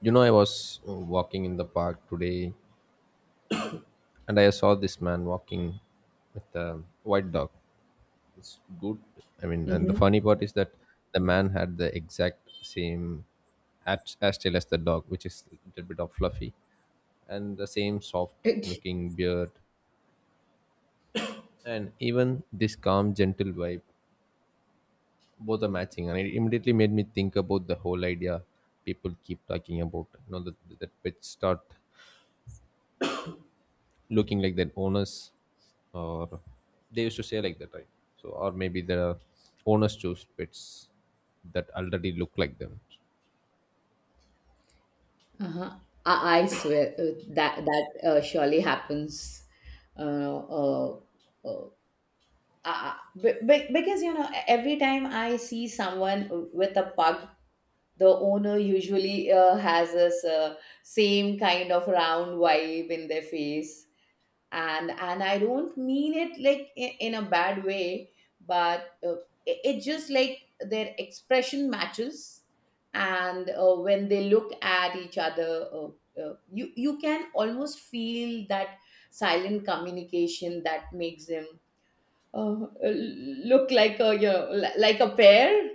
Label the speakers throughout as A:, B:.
A: You know, I was walking in the park today and I saw this man walking with a white dog. It's good. And the
B: hmm
A: funny part is that the man had the exact same tail as the dog, which is a little bit of fluffy, and the same soft looking beard, and even this calm, gentle vibe. Both are matching, and it immediately made me think about the whole idea people keep talking about. That pets start looking like that owners, or they used to say like that, right? So or maybe the owners choose pets that already look like them.
B: Uh-huh. I swear, that surely happens. Uh, uh, uh, uh, because you know, every time I see someone with a pug, the owner usually has this same kind of round vibe in their face. And I don't mean it like in a bad way, but it's just like their expression matches. And when they look at each other, you can almost feel that silent communication that makes them uh, look like a, like a pair.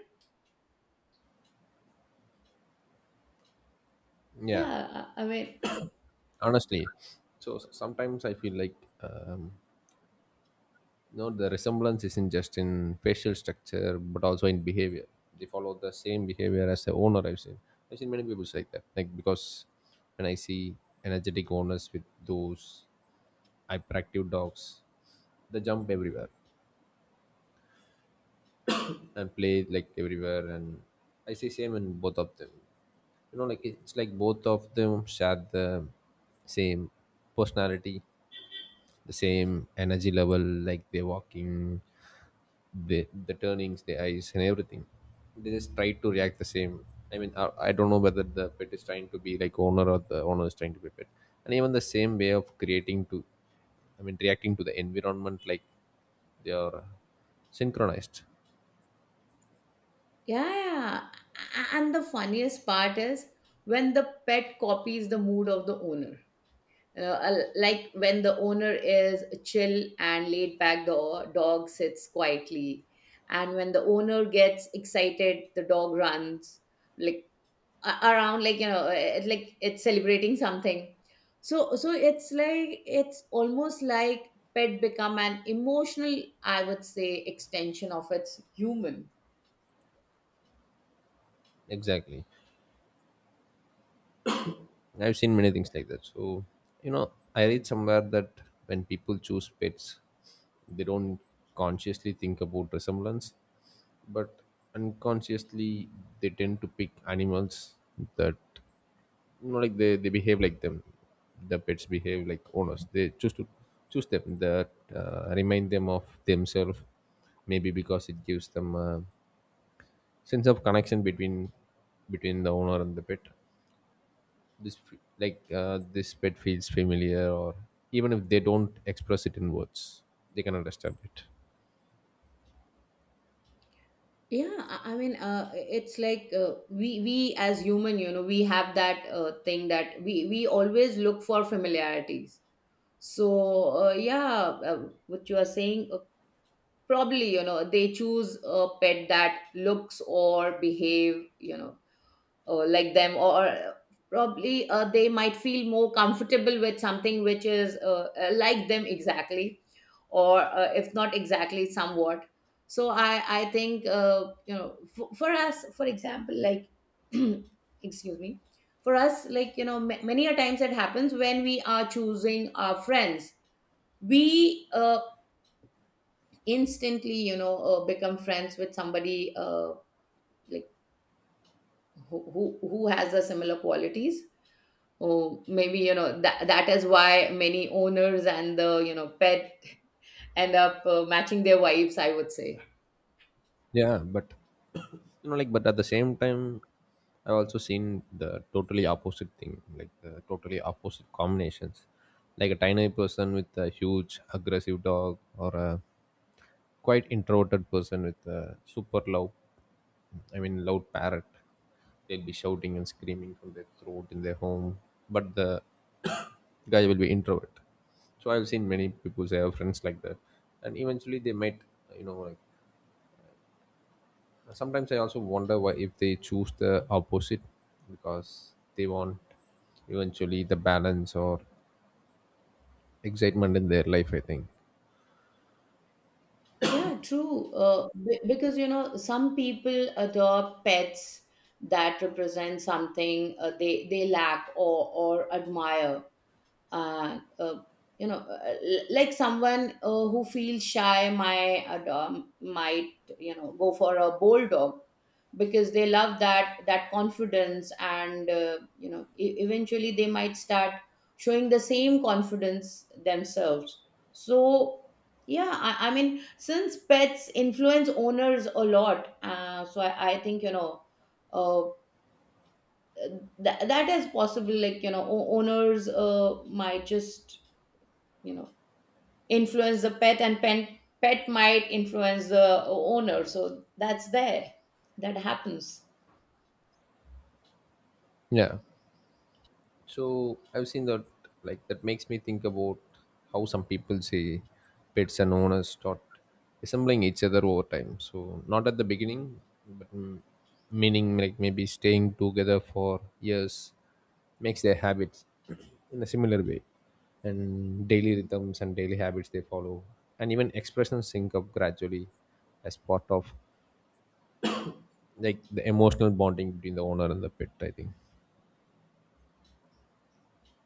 A: Yeah,
B: yeah i mean
A: honestly. Sometimes I feel like, um, no, the resemblance isn't just in facial structure but also in behavior. They follow the same behavior as the owner. I've seen many people like that, like, because when I see energetic owners with those hyperactive dogs, they jump everywhere and play like everywhere. And I say same in both of them. You know, like, it's like both of them share the same personality, the same energy level. Like they're walking, the the turnings, the eyes, and everything. They just try to react the same. I mean, I don't know whether the pet is trying to be like owner or the owner is trying to be pet. And even the same way of creating to, I mean, reacting to the environment, like they are synchronized.
B: yeah, yeah. And the funniest part is when the pet copies the mood of the owner. Like when the owner is chill and laid back, the dog sits quietly. And when the owner gets excited, the dog runs like around, like, like it's celebrating something. So it's like, it's almost like pet become an emotional, I would say, extension of its human.
A: Exactly. I've seen many things like that. So, you know, I read somewhere that when people choose pets, they don't consciously think about resemblance, but unconsciously they tend to pick animals that, you know, like they behave like them. The pets behave like owners. They choose to Choose them that remind them of themselves, maybe because it gives them a sense of connection between the owner and the pet. Like this pet feels familiar, or even if they don't express it in words, they can understand it.
B: Yeah, I mean it's like, we as human, you know, we have that thing that we always look for familiarities. So yeah, what you are saying, probably, you know, they choose a pet that looks or behave, you know, like them. Or probably they might feel more comfortable with something which is like them exactly, or if not exactly, somewhat. So I think, you know, for us, for example, like excuse me, for us, like, you know, many a times it happens when we are choosing our friends, we instantly, you know, become friends with somebody like, who has the similar qualities. Oh, maybe, you know, that is why many owners and the, you know, pet end up matching their vibes, I would say.
A: Yeah, but you know, like, but at the same time, I've also seen the totally opposite thing, like the totally opposite combinations, like a tiny person with a huge aggressive dog, or a quite introverted person with a super love, I mean, loud parrot. They'll be shouting and screaming from their throat in their home, but the guy will be introvert. So I've seen many people say I have friends like that, and eventually they might, you know, like, sometimes I also wonder why if they choose the opposite, because they want eventually the balance or excitement in their life, I think.
B: Yeah, true. Because you know, some people adopt pets that represent something they lack or admire. uh, uh, you know, like someone who feels shy might, might, you know, go for a bold dog because they love that confidence. And you know, eventually they might start showing the same confidence themselves. So yeah, I mean, since pets influence owners a lot, so I think, you know, uh, that is possible. Like, you know, owners might just, you know, influence the pet, and pet might influence the owner, so that's there, that happens.
A: Yeah. So I've seen that. Like that makes me think about how some people say pets and owners start resembling each other over time. So not at the beginning, but meaning like maybe staying together for years makes their habits in a similar way, and daily rhythms and daily habits they follow, and even expressions sync up gradually as part of like the emotional bonding between the owner and the pet, I think.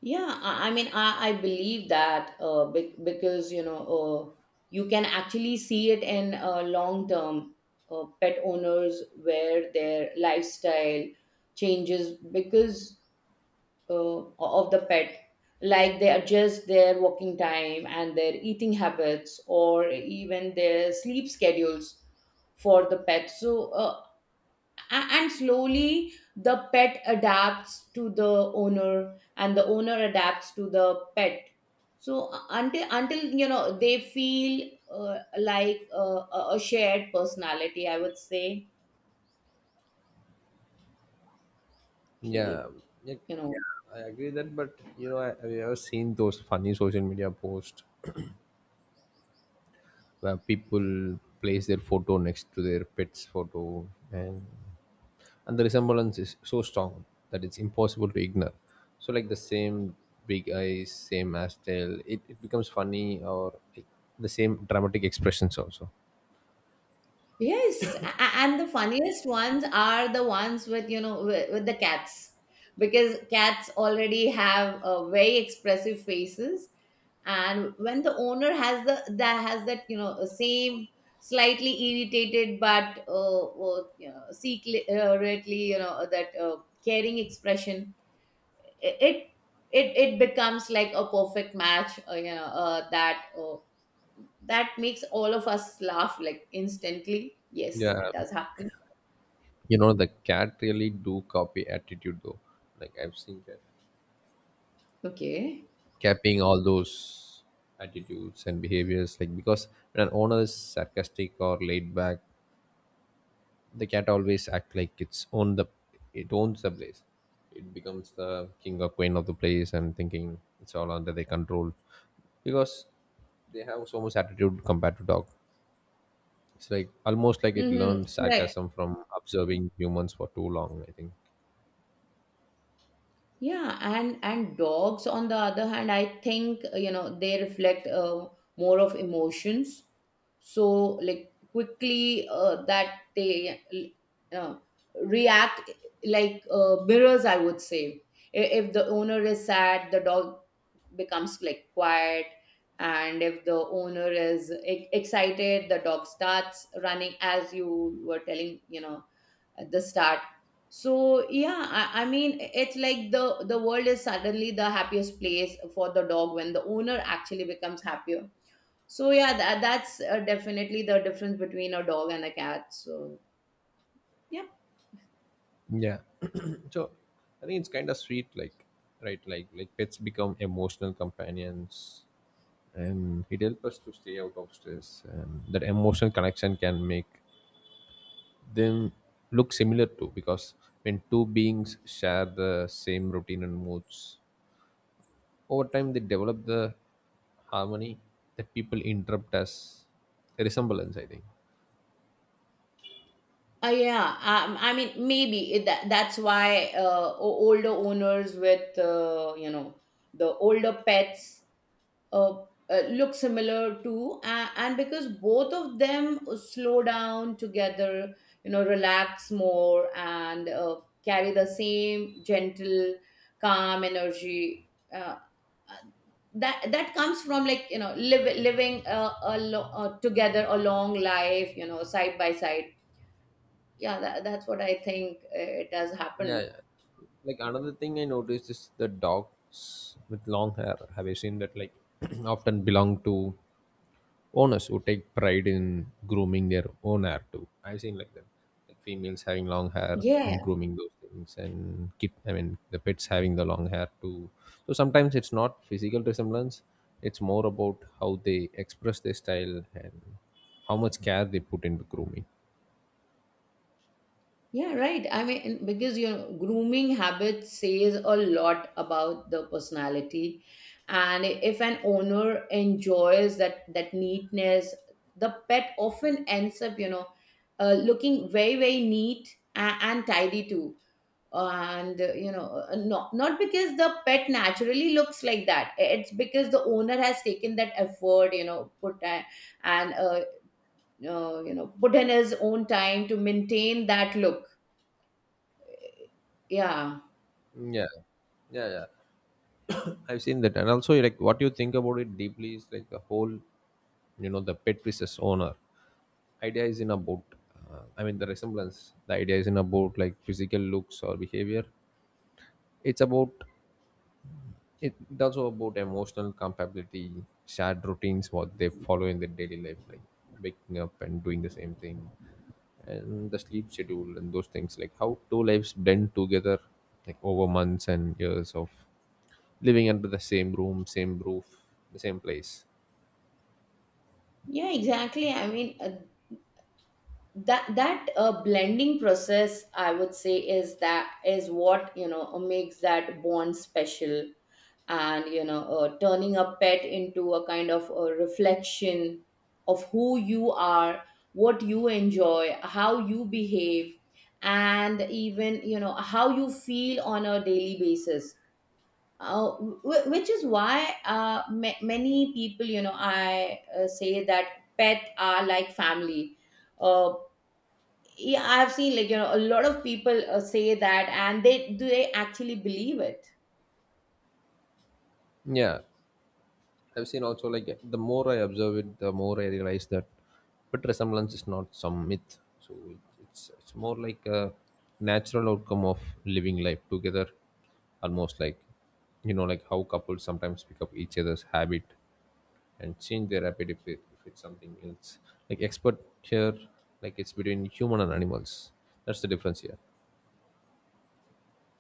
B: Yeah, I mean, I believe that, because you know, you can actually see it in long term pet owners where their lifestyle changes because of the pet. Like they adjust their walking time and their eating habits, or even their sleep schedules for the pet. So and slowly the pet adapts to the owner and the owner adapts to the pet. So until you know, they feel like a shared personality, I would say. So
A: Yeah,
B: like,
A: yeah,
B: you know,
A: I agree that. But you know, I, have you ever seen those funny social media posts where people place their photo next to their pet's photo, and and the resemblance is so strong that it's impossible to ignore. So like the same big eyes, same ass tail, it becomes funny, or like the same dramatic expressions also.
B: yes, and the funniest ones are the ones with, you know, with the cats, because cats already have very expressive faces. And when the owner has the, that has that, you know, same slightly irritated but you know, secretly, you know, that caring expression, it it becomes like a perfect match. You know, that. That makes all of us laugh like instantly. Yes,
A: Yeah,
B: it does happen.
A: you know, the cat really do copy attitude though. Like I've seen cats.
B: Okay.
A: Capping all those attitudes and behaviors, like, because when an owner is sarcastic or laid back, the cat always act like it owns the place. It becomes the king or queen of the place and thinking it's all under their control because they have so much attitude compared to dog. It's like almost like it learned
B: Mm-hmm. Correct.
A: sarcasm from observing humans for too long, I think.
B: Yeah, and dogs on the other hand, I think, you know, they reflect more of emotions. So like quickly that they uh, react like mirrors, I would say. If the owner is sad, the dog becomes like quiet. And if the owner is excited, the dog starts running, as you were telling, you know, at the start. So yeah, I mean, it's like the world is suddenly the happiest place for the dog when the owner actually becomes happier. So yeah, that, that's definitely the difference between a dog and a cat, so yeah.
A: Yeah. So I think it's kind of sweet, like, right, like pets become emotional companions and it helps us to stay out of stress, and that emotional connection can make them look similar too, because when two beings share the same routine and moods over time, they develop the harmony that people interpret as a resemblance, I think.
B: Yeah, I mean, maybe it, that, that's why, older owners with, you know, the older pets uh, look similar to, and because both of them slow down together, you know, relax more, and carry the same gentle calm energy, uh, that comes from, like, you know, living a together a long life, you know, side by side. Yeah, that, that's what I think it has
A: Yeah,
B: happened.
A: yeah. Like, another thing I noticed is the dogs with long hair. Have you seen that? Like, often belong to owners who take pride in grooming their own hair too. I've seen like that, like females having long hair
B: Yeah.
A: and grooming those things, and keep. I mean, the pets having the long hair too. So sometimes it's not physical resemblance; it's more about how they express their style and how much care they put into grooming.
B: Yeah, right. I mean, because your grooming habit says a lot about the personality. And if an owner enjoys that neatness, the pet often ends up, you know, looking very very neat and tidy too. And you know, not because the pet naturally looks like that. It's because the owner has taken that effort, you know, put a- and you know, put in his own time to maintain that look. Yeah.
A: Yeah, yeah, yeah. I've seen that, and also like what you think about it deeply is like the whole, you know, the pet versus owner idea is in about, I mean, the resemblance, the idea is in about like physical looks or behavior. It's about, it's also about emotional compatibility, shared routines, what they follow in their daily life, like waking up and doing the same thing, and the sleep schedule and those things, like how two lives blend together, like over months and years of living under the same room, same roof, the same place.
B: Yeah, exactly. I mean, that blending process, I would say, is that is what, you know, makes that bond special. And you know, turning a pet into a kind of a reflection of who you are, what you enjoy, how you behave, and even, you know, how you feel on a daily basis, uh, which is why, many people, you know, I say that pets are like family. uh, yeah, I've seen like, you know, a lot of people say that, and they do, they actually believe it.
A: Yeah, I've seen also, like, the more I observe it, the more I realize that but resemblance is not some myth. So it's more like a natural outcome of living life together, almost like, you know, like how couples sometimes pick up each other's habit and change their habit if, if it's something else. Like expert here, like it's between human and animals. That's the difference here.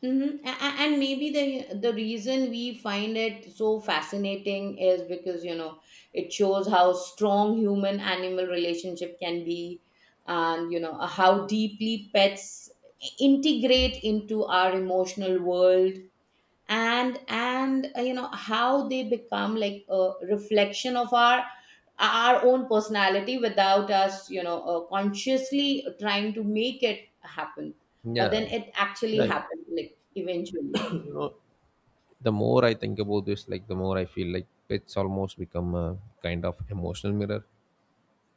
B: And maybe the reason we find it so fascinating is because, you know, it shows how strong human animal relationship can be. And you know how deeply pets integrate into our emotional world, and you know how they become like a reflection of our own personality without us, you know, consciously trying to make it happen, but
A: Yeah.
B: then it actually
A: Yeah,
B: happened, like, eventually.
A: you know, the more I think about this, like, the more I feel like pets almost become a kind of emotional mirror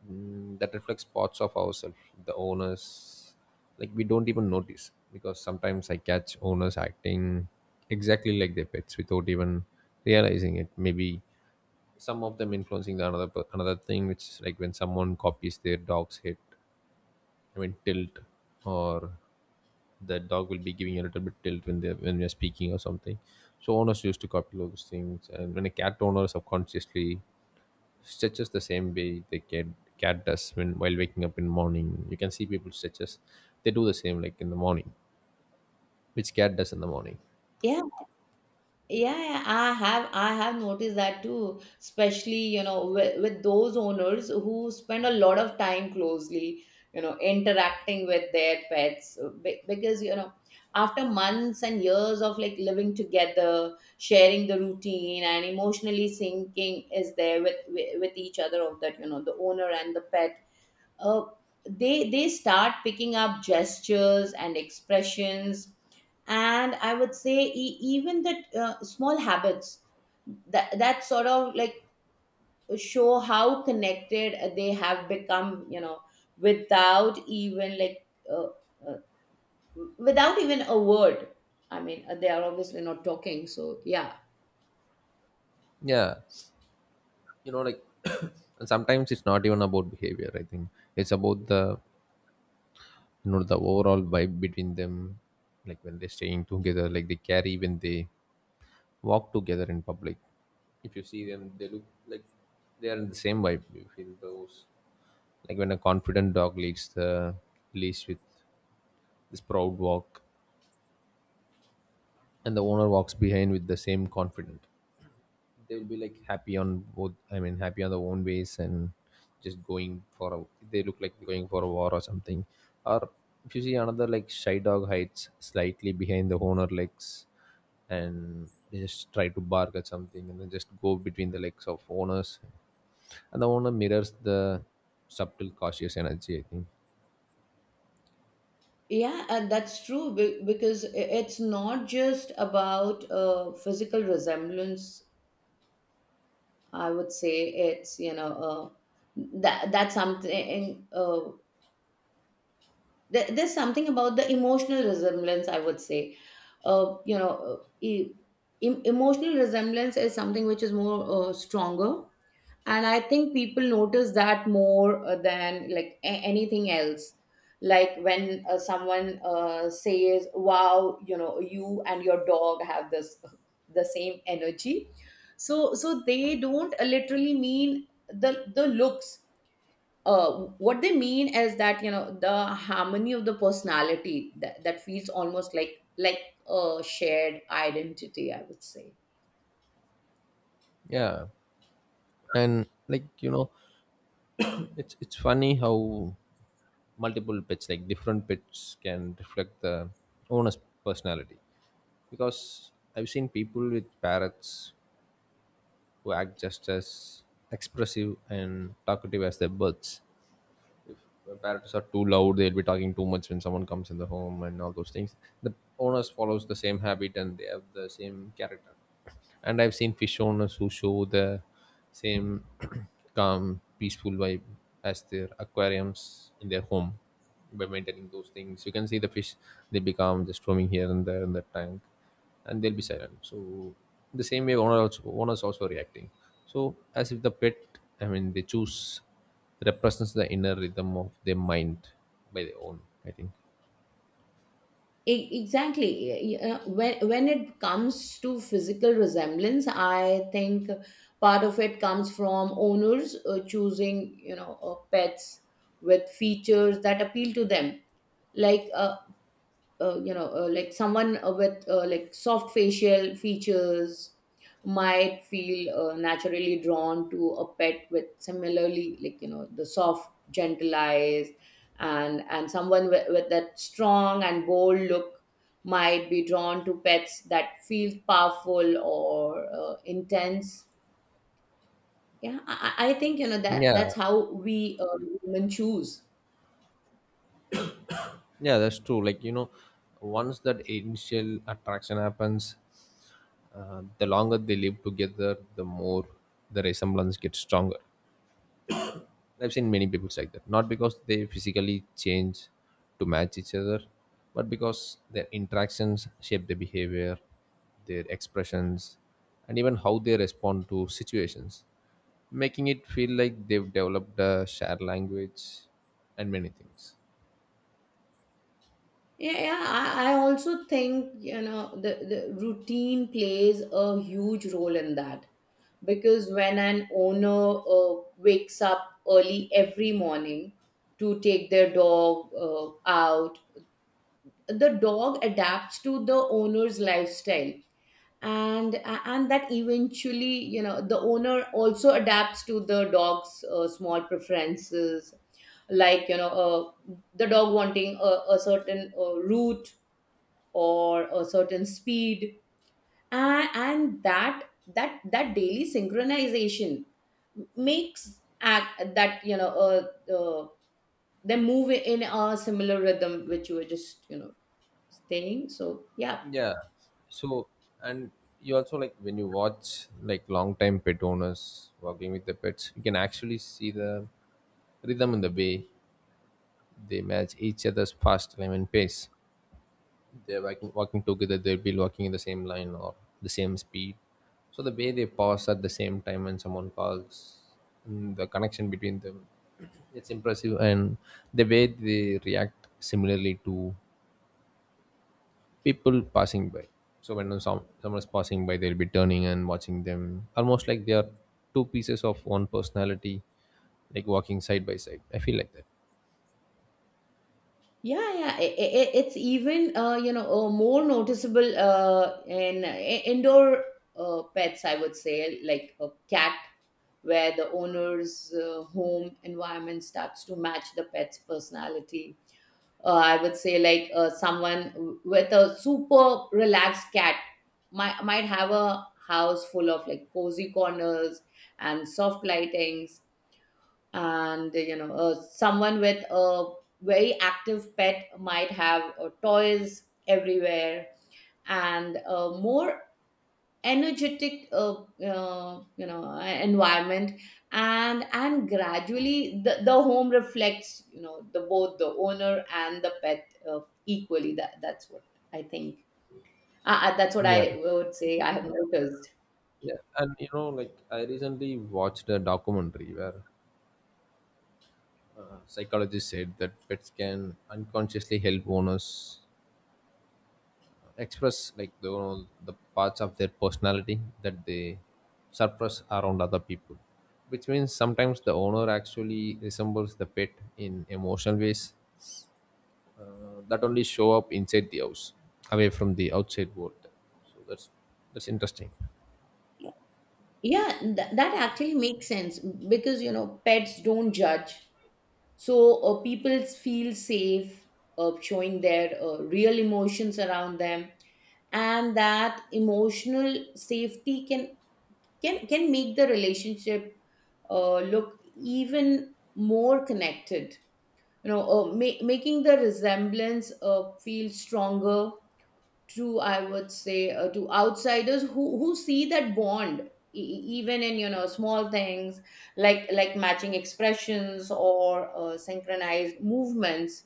A: that reflects parts of ourselves, the owners, like we don't even notice, because sometimes I catch owners acting exactly like their pets without even realizing it. Maybe some of them influencing the another, another thing, which is like when someone copies their dog's head, I mean, tilt, or that dog will be giving a little bit tilt when they, when we are speaking or something. So owners used to copy those things, and when a cat owner subconsciously stretches the same way the cat does when while waking up in the morning, you can see people stretches. They do the same like in the morning, which cat does in the morning.
B: Yeah, yeah, I have noticed that too, especially, you know, with those owners who spend a lot of time closely, you know, interacting with their pets. Because you know, after months and years of like living together, sharing the routine and emotionally syncing is there with each other of that, you know, the owner and the pet, uh, they start picking up gestures and expressions. And I would say, even that, small habits that sort of like show how connected they have become, you know, without even like, uh, uh, without even a word. I mean, they are obviously not talking, so yeah.
A: Yeah, you know, like, and sometimes it's not even about behavior. I think it's about the you know the overall vibe between them, like when they're staying together, like they carry when they walk together in public. If you see them, they look like they are in the same vibe. You feel those, like when a confident dog leads the leash with this proud walk, and the owner walks behind with the same confident. They'll be like happy on both, I mean, happy on their own ways, and just going for a, they look like they're going for a war or something, or if you see another, like shy dog hides slightly behind the owner legs and they just try to bark at something and then just go between the legs of owners, and the owner mirrors the subtle cautious energy, I think.
B: Yeah, and that's true, because it's not just about physical resemblance. I would say it's, you know, that's something, there's something about the emotional resemblance, I would say. You know, emotional resemblance is something which is more stronger. And I think people notice that more than like anything else. Like when someone says, wow, you know, you and your dog have this the same energy. So so they don't literally mean the looks. uh, what they mean is that, you know, the harmony of the personality that, that feels almost like a shared identity, I would say.
A: Yeah, and, like, you know, it's funny how multiple pets, like different pets, can reflect the owner's personality, because I've seen people with parrots who act just as expressive and talkative as their birds. When parrots are too loud, they'll be talking too much when someone comes in the home and all those things. The owners follows the same habit and they have the same character. And I've seen fish owners who show the same calm, peaceful vibe as their aquariums in their home by maintaining those things. You can see the fish; they become just roaming here and there in the tank and they'll be silent. So the same way owner also, owners also reacting, so as if the pet, I mean, they choose, represents the inner rhythm of their mind by their own, I think.
B: Exactly. When it comes to physical resemblance, I think part of it comes from owners choosing, you know, pets with features that appeal to them. Like you know, like someone with like soft facial features might feel naturally drawn to a pet with similarly, like, you know, the soft gentle eyes. And someone with that strong and bold look might be drawn to pets that feel powerful or intense. Yeah, I think, you know, that
A: Yeah,
B: that's how we women choose.
A: yeah, that's true, like, you know, once that initial attraction happens, the longer they live together, the more the resemblance gets stronger. I've seen many people like that. Not because they physically change to match each other, but because their interactions shape their behavior, their expressions, and even how they respond to situations, making it feel like they've developed a shared language and many things.
B: Yeah, yeah. I also think, you know, the routine plays a huge role in that, because when an owner wakes up early every morning to take their dog out, the dog adapts to the owner's lifestyle. And that eventually, the owner also adapts to the dog's small preferences, like, the dog wanting a certain route or a certain speed and that daily synchronization makes act that they move in a similar rhythm which you were just saying, so yeah.
A: Yeah. So, and you also, like, when you watch like long time pet owners working with the pets, you can actually see the rhythm in the way they match each other's fast time and pace they're walking together. They'll be walking in the same line or the same speed, so the way they pause at the same time when someone calls, and the connection between them, it's impressive. And the way they react similarly to people passing by, so when someone is passing by, they'll be turning and watching them almost like they are two pieces of one personality, like walking side by side. I feel like that.
B: Yeah. I it's even more noticeable in indoor pets, I would say, like a cat, where the owner's home environment starts to match the pet's personality. I would say, like someone with a super relaxed cat might have a house full of like cozy corners and soft lightings, and someone with a very active pet might have toys everywhere and a more energetic environment. And gradually the home reflects the both the owner and the pet equally. That's what I think. That's what
A: Yeah,
B: I would say I have noticed.
A: yeah. And you know, like, I recently watched a documentary where psychologists said that pets can unconsciously help owners express like the, you know, the parts of their personality that they suppress around other people, which means sometimes the owner actually resembles the pet in emotional ways uh, that only show up inside the house, away from the outside world. So that's interesting.
B: Yeah, that actually makes sense, because pets don't judge, so people feel safe showing their real emotions around them, and that emotional safety can make the relationship look even more connected, making the resemblance feel stronger to, I would say, to outsiders who see that bond, even in, small things like matching expressions or synchronized movements.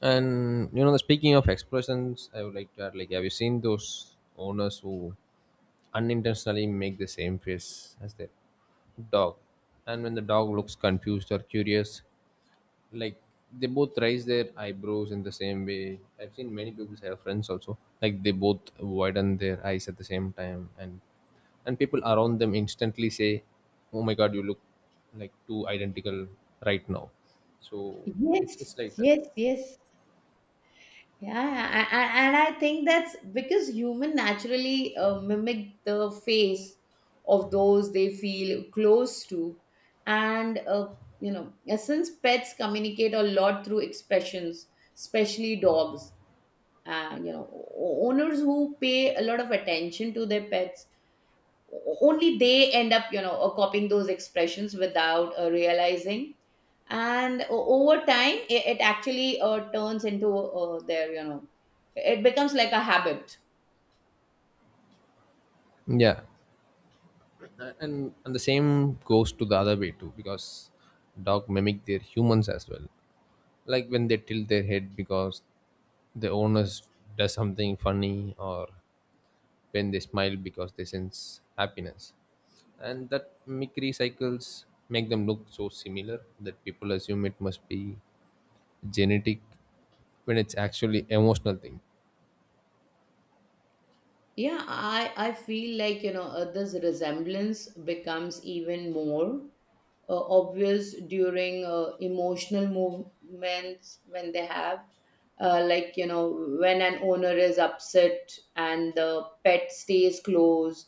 A: And you know, the speaking of expressions, I would like to add, like, have you seen those owners who unintentionally make the same face as their dog? And when the dog looks confused or curious, like, they both raise their eyebrows in the same way. I've seen many people, I have friends also, like, they both widen their eyes at the same time, and people around them instantly say, oh my god, you look like too identical right now. So
B: Yeah. Yes.
A: it's like that.
B: Yes. Yes. Yeah, and I think that's because human naturally mimic the face of those they feel close to, and since pets communicate a lot through expressions, especially dogs. Uh, you know, owners who pay a lot of attention to their pets only, they end up copying those expressions without realizing, and over time it actually turns into their, it becomes like a habit.
A: Yeah. And the same goes to the other way too, because dog mimic their humans as well. Like when they tilt their head because the owners does something funny, or when they smile because they sense happiness, and that mimicry cycles make them look so similar that people assume it must be genetic when it's actually emotional thing.
B: Yeah, I feel like, this resemblance becomes even more obvious during emotional movements, when they have, like, when an owner is upset and the pet stays close,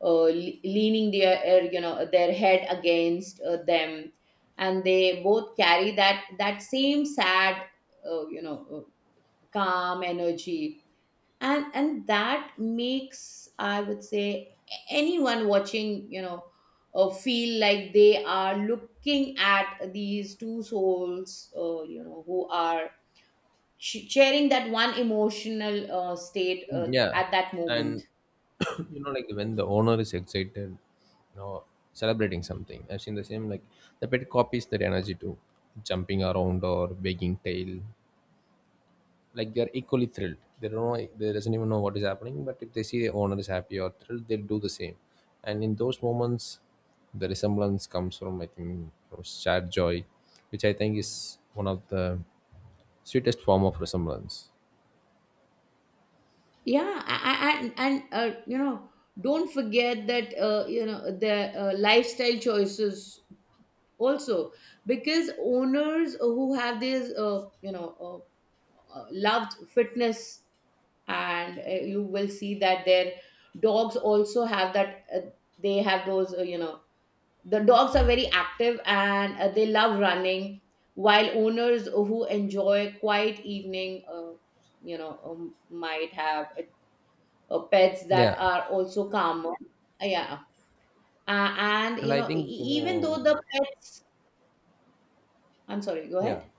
B: leaning their, their head against them, and they both carry that same sad, uh, you know uh, calm energy. And that makes, I would say, anyone watching, feel like they are looking at these two souls, who are sharing that one emotional state,
A: Yeah.
B: at that moment.
A: And you know, like when the owner is excited or celebrating something, I've seen the same, like the pet copies that energy too, jumping around or wagging tail, like they're equally thrilled. They don't know, they doesn't even know what is happening, but if they see the owner is happy or thrilled, they'll do the same. And in those moments, the resemblance comes from, I think, from shared joy, which I think is one of the sweetest form of resemblance.
B: Yeah, I, and don't forget that, the lifestyle choices also, because owners who have these, loved fitness, and you will see that their dogs also have that they have those, the dogs are very active and they love running, while owners who enjoy quiet evening, might have pets that
A: Yeah,
B: are also calmer. Yeah. Yeah. And
A: and I think, you
B: even though
A: know,
B: the pets, I'm sorry, go
A: yeah.
B: ahead.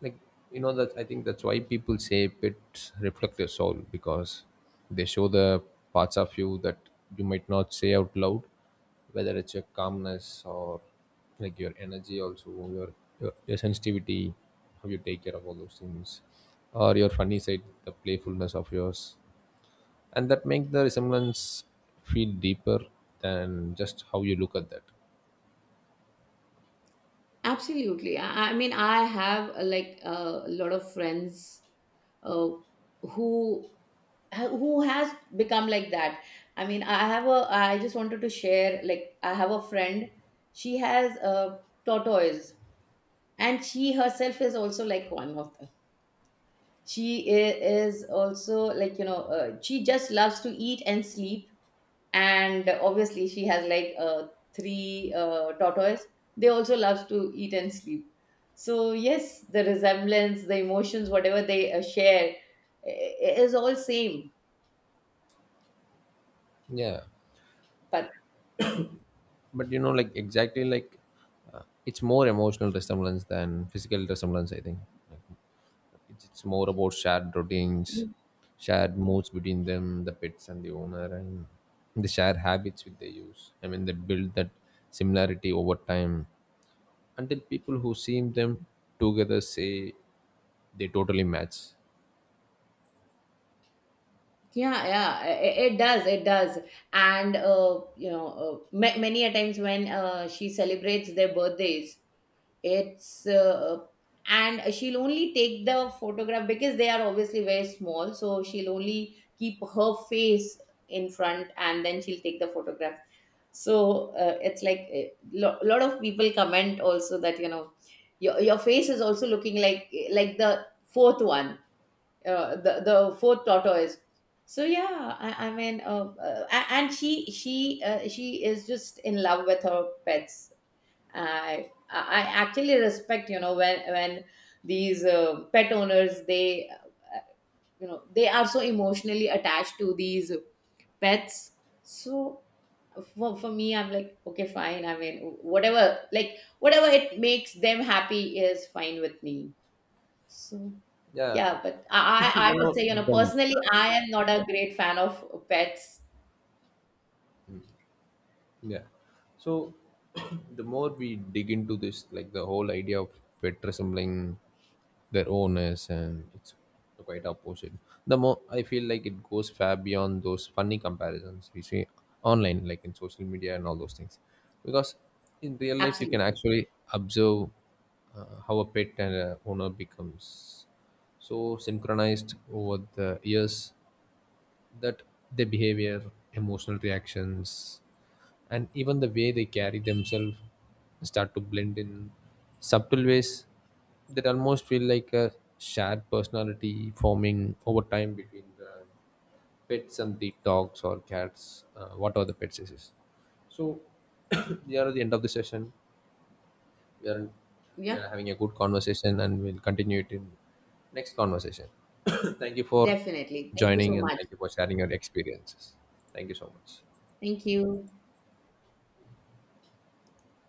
A: Like, you know that, I think that's why people say pets reflect your soul, because they show the parts of you that you might not say out loud, whether it's your calmness, or like your energy, also your your sensitivity, how you take care of all those things, or your funny side, the playfulness of yours. And that make the resemblance feel deeper than just how you look at that.
B: Absolutely. I mean, I have like a lot of friends, uh, who who has become like that. I mean, I have a, I just wanted to share, like, I have a friend, she has a tortoise, and she herself is also like one of them. She is also, like, she just loves to eat and sleep, and obviously she has like three tortoise, they also love to eat and sleep. So yes, the resemblance, the emotions, whatever they share is all same.
A: Yeah,
B: But
A: but you know, like exactly, like it's more emotional resemblance than physical resemblance. I think it's more about shared routines, shared moods between them, the pets and the owner, and the shared habits which they use. I mean, they build that similarity over time until people who see them together say they totally match.
B: yeah, yeah, it, it does, and many a times when she celebrates their birthdays, it's and she'll only take the photograph because they are obviously very small, so she'll only keep her face in front, and then she'll take the photograph. So it's like a lot of people comment also, that your face is also looking like the fourth one, the fourth tortoise. So yeah, I mean, and she she is just in love with her pets. I actually respect, when these pet owners, they uh, they are so emotionally attached to these pets. So for me, I'm like, okay, fine, I mean, whatever, like whatever it makes them happy is fine with me. So
A: Yeah.
B: yeah, but I I
A: You
B: would
A: know
B: say,
A: the,
B: personally, I am not a great fan of pets.
A: yeah. So the more we dig into this, like the whole idea of pet resembling their owners, and it's quite opposite, the more I feel like it goes far beyond those funny comparisons we see online, like in social media and all those things. Because in real life, you can
B: Absolutely.
A: actually observe how a pet and a owner becomes so synchronized over the years that their behavior, emotional reactions, and even the way they carry themselves start to blend in subtle ways that almost feel like a shared personality forming over time between the pets and the dogs or cats, what the pets is. So, we are at the end of the session. we are we
B: Yeah,
A: are having a good conversation and we'll continue it in next conversation. Thank you for
B: definitely. Thank you so
A: joining, and
B: much.
A: thank you for sharing your experiences. Thank you so much.
B: Thank you.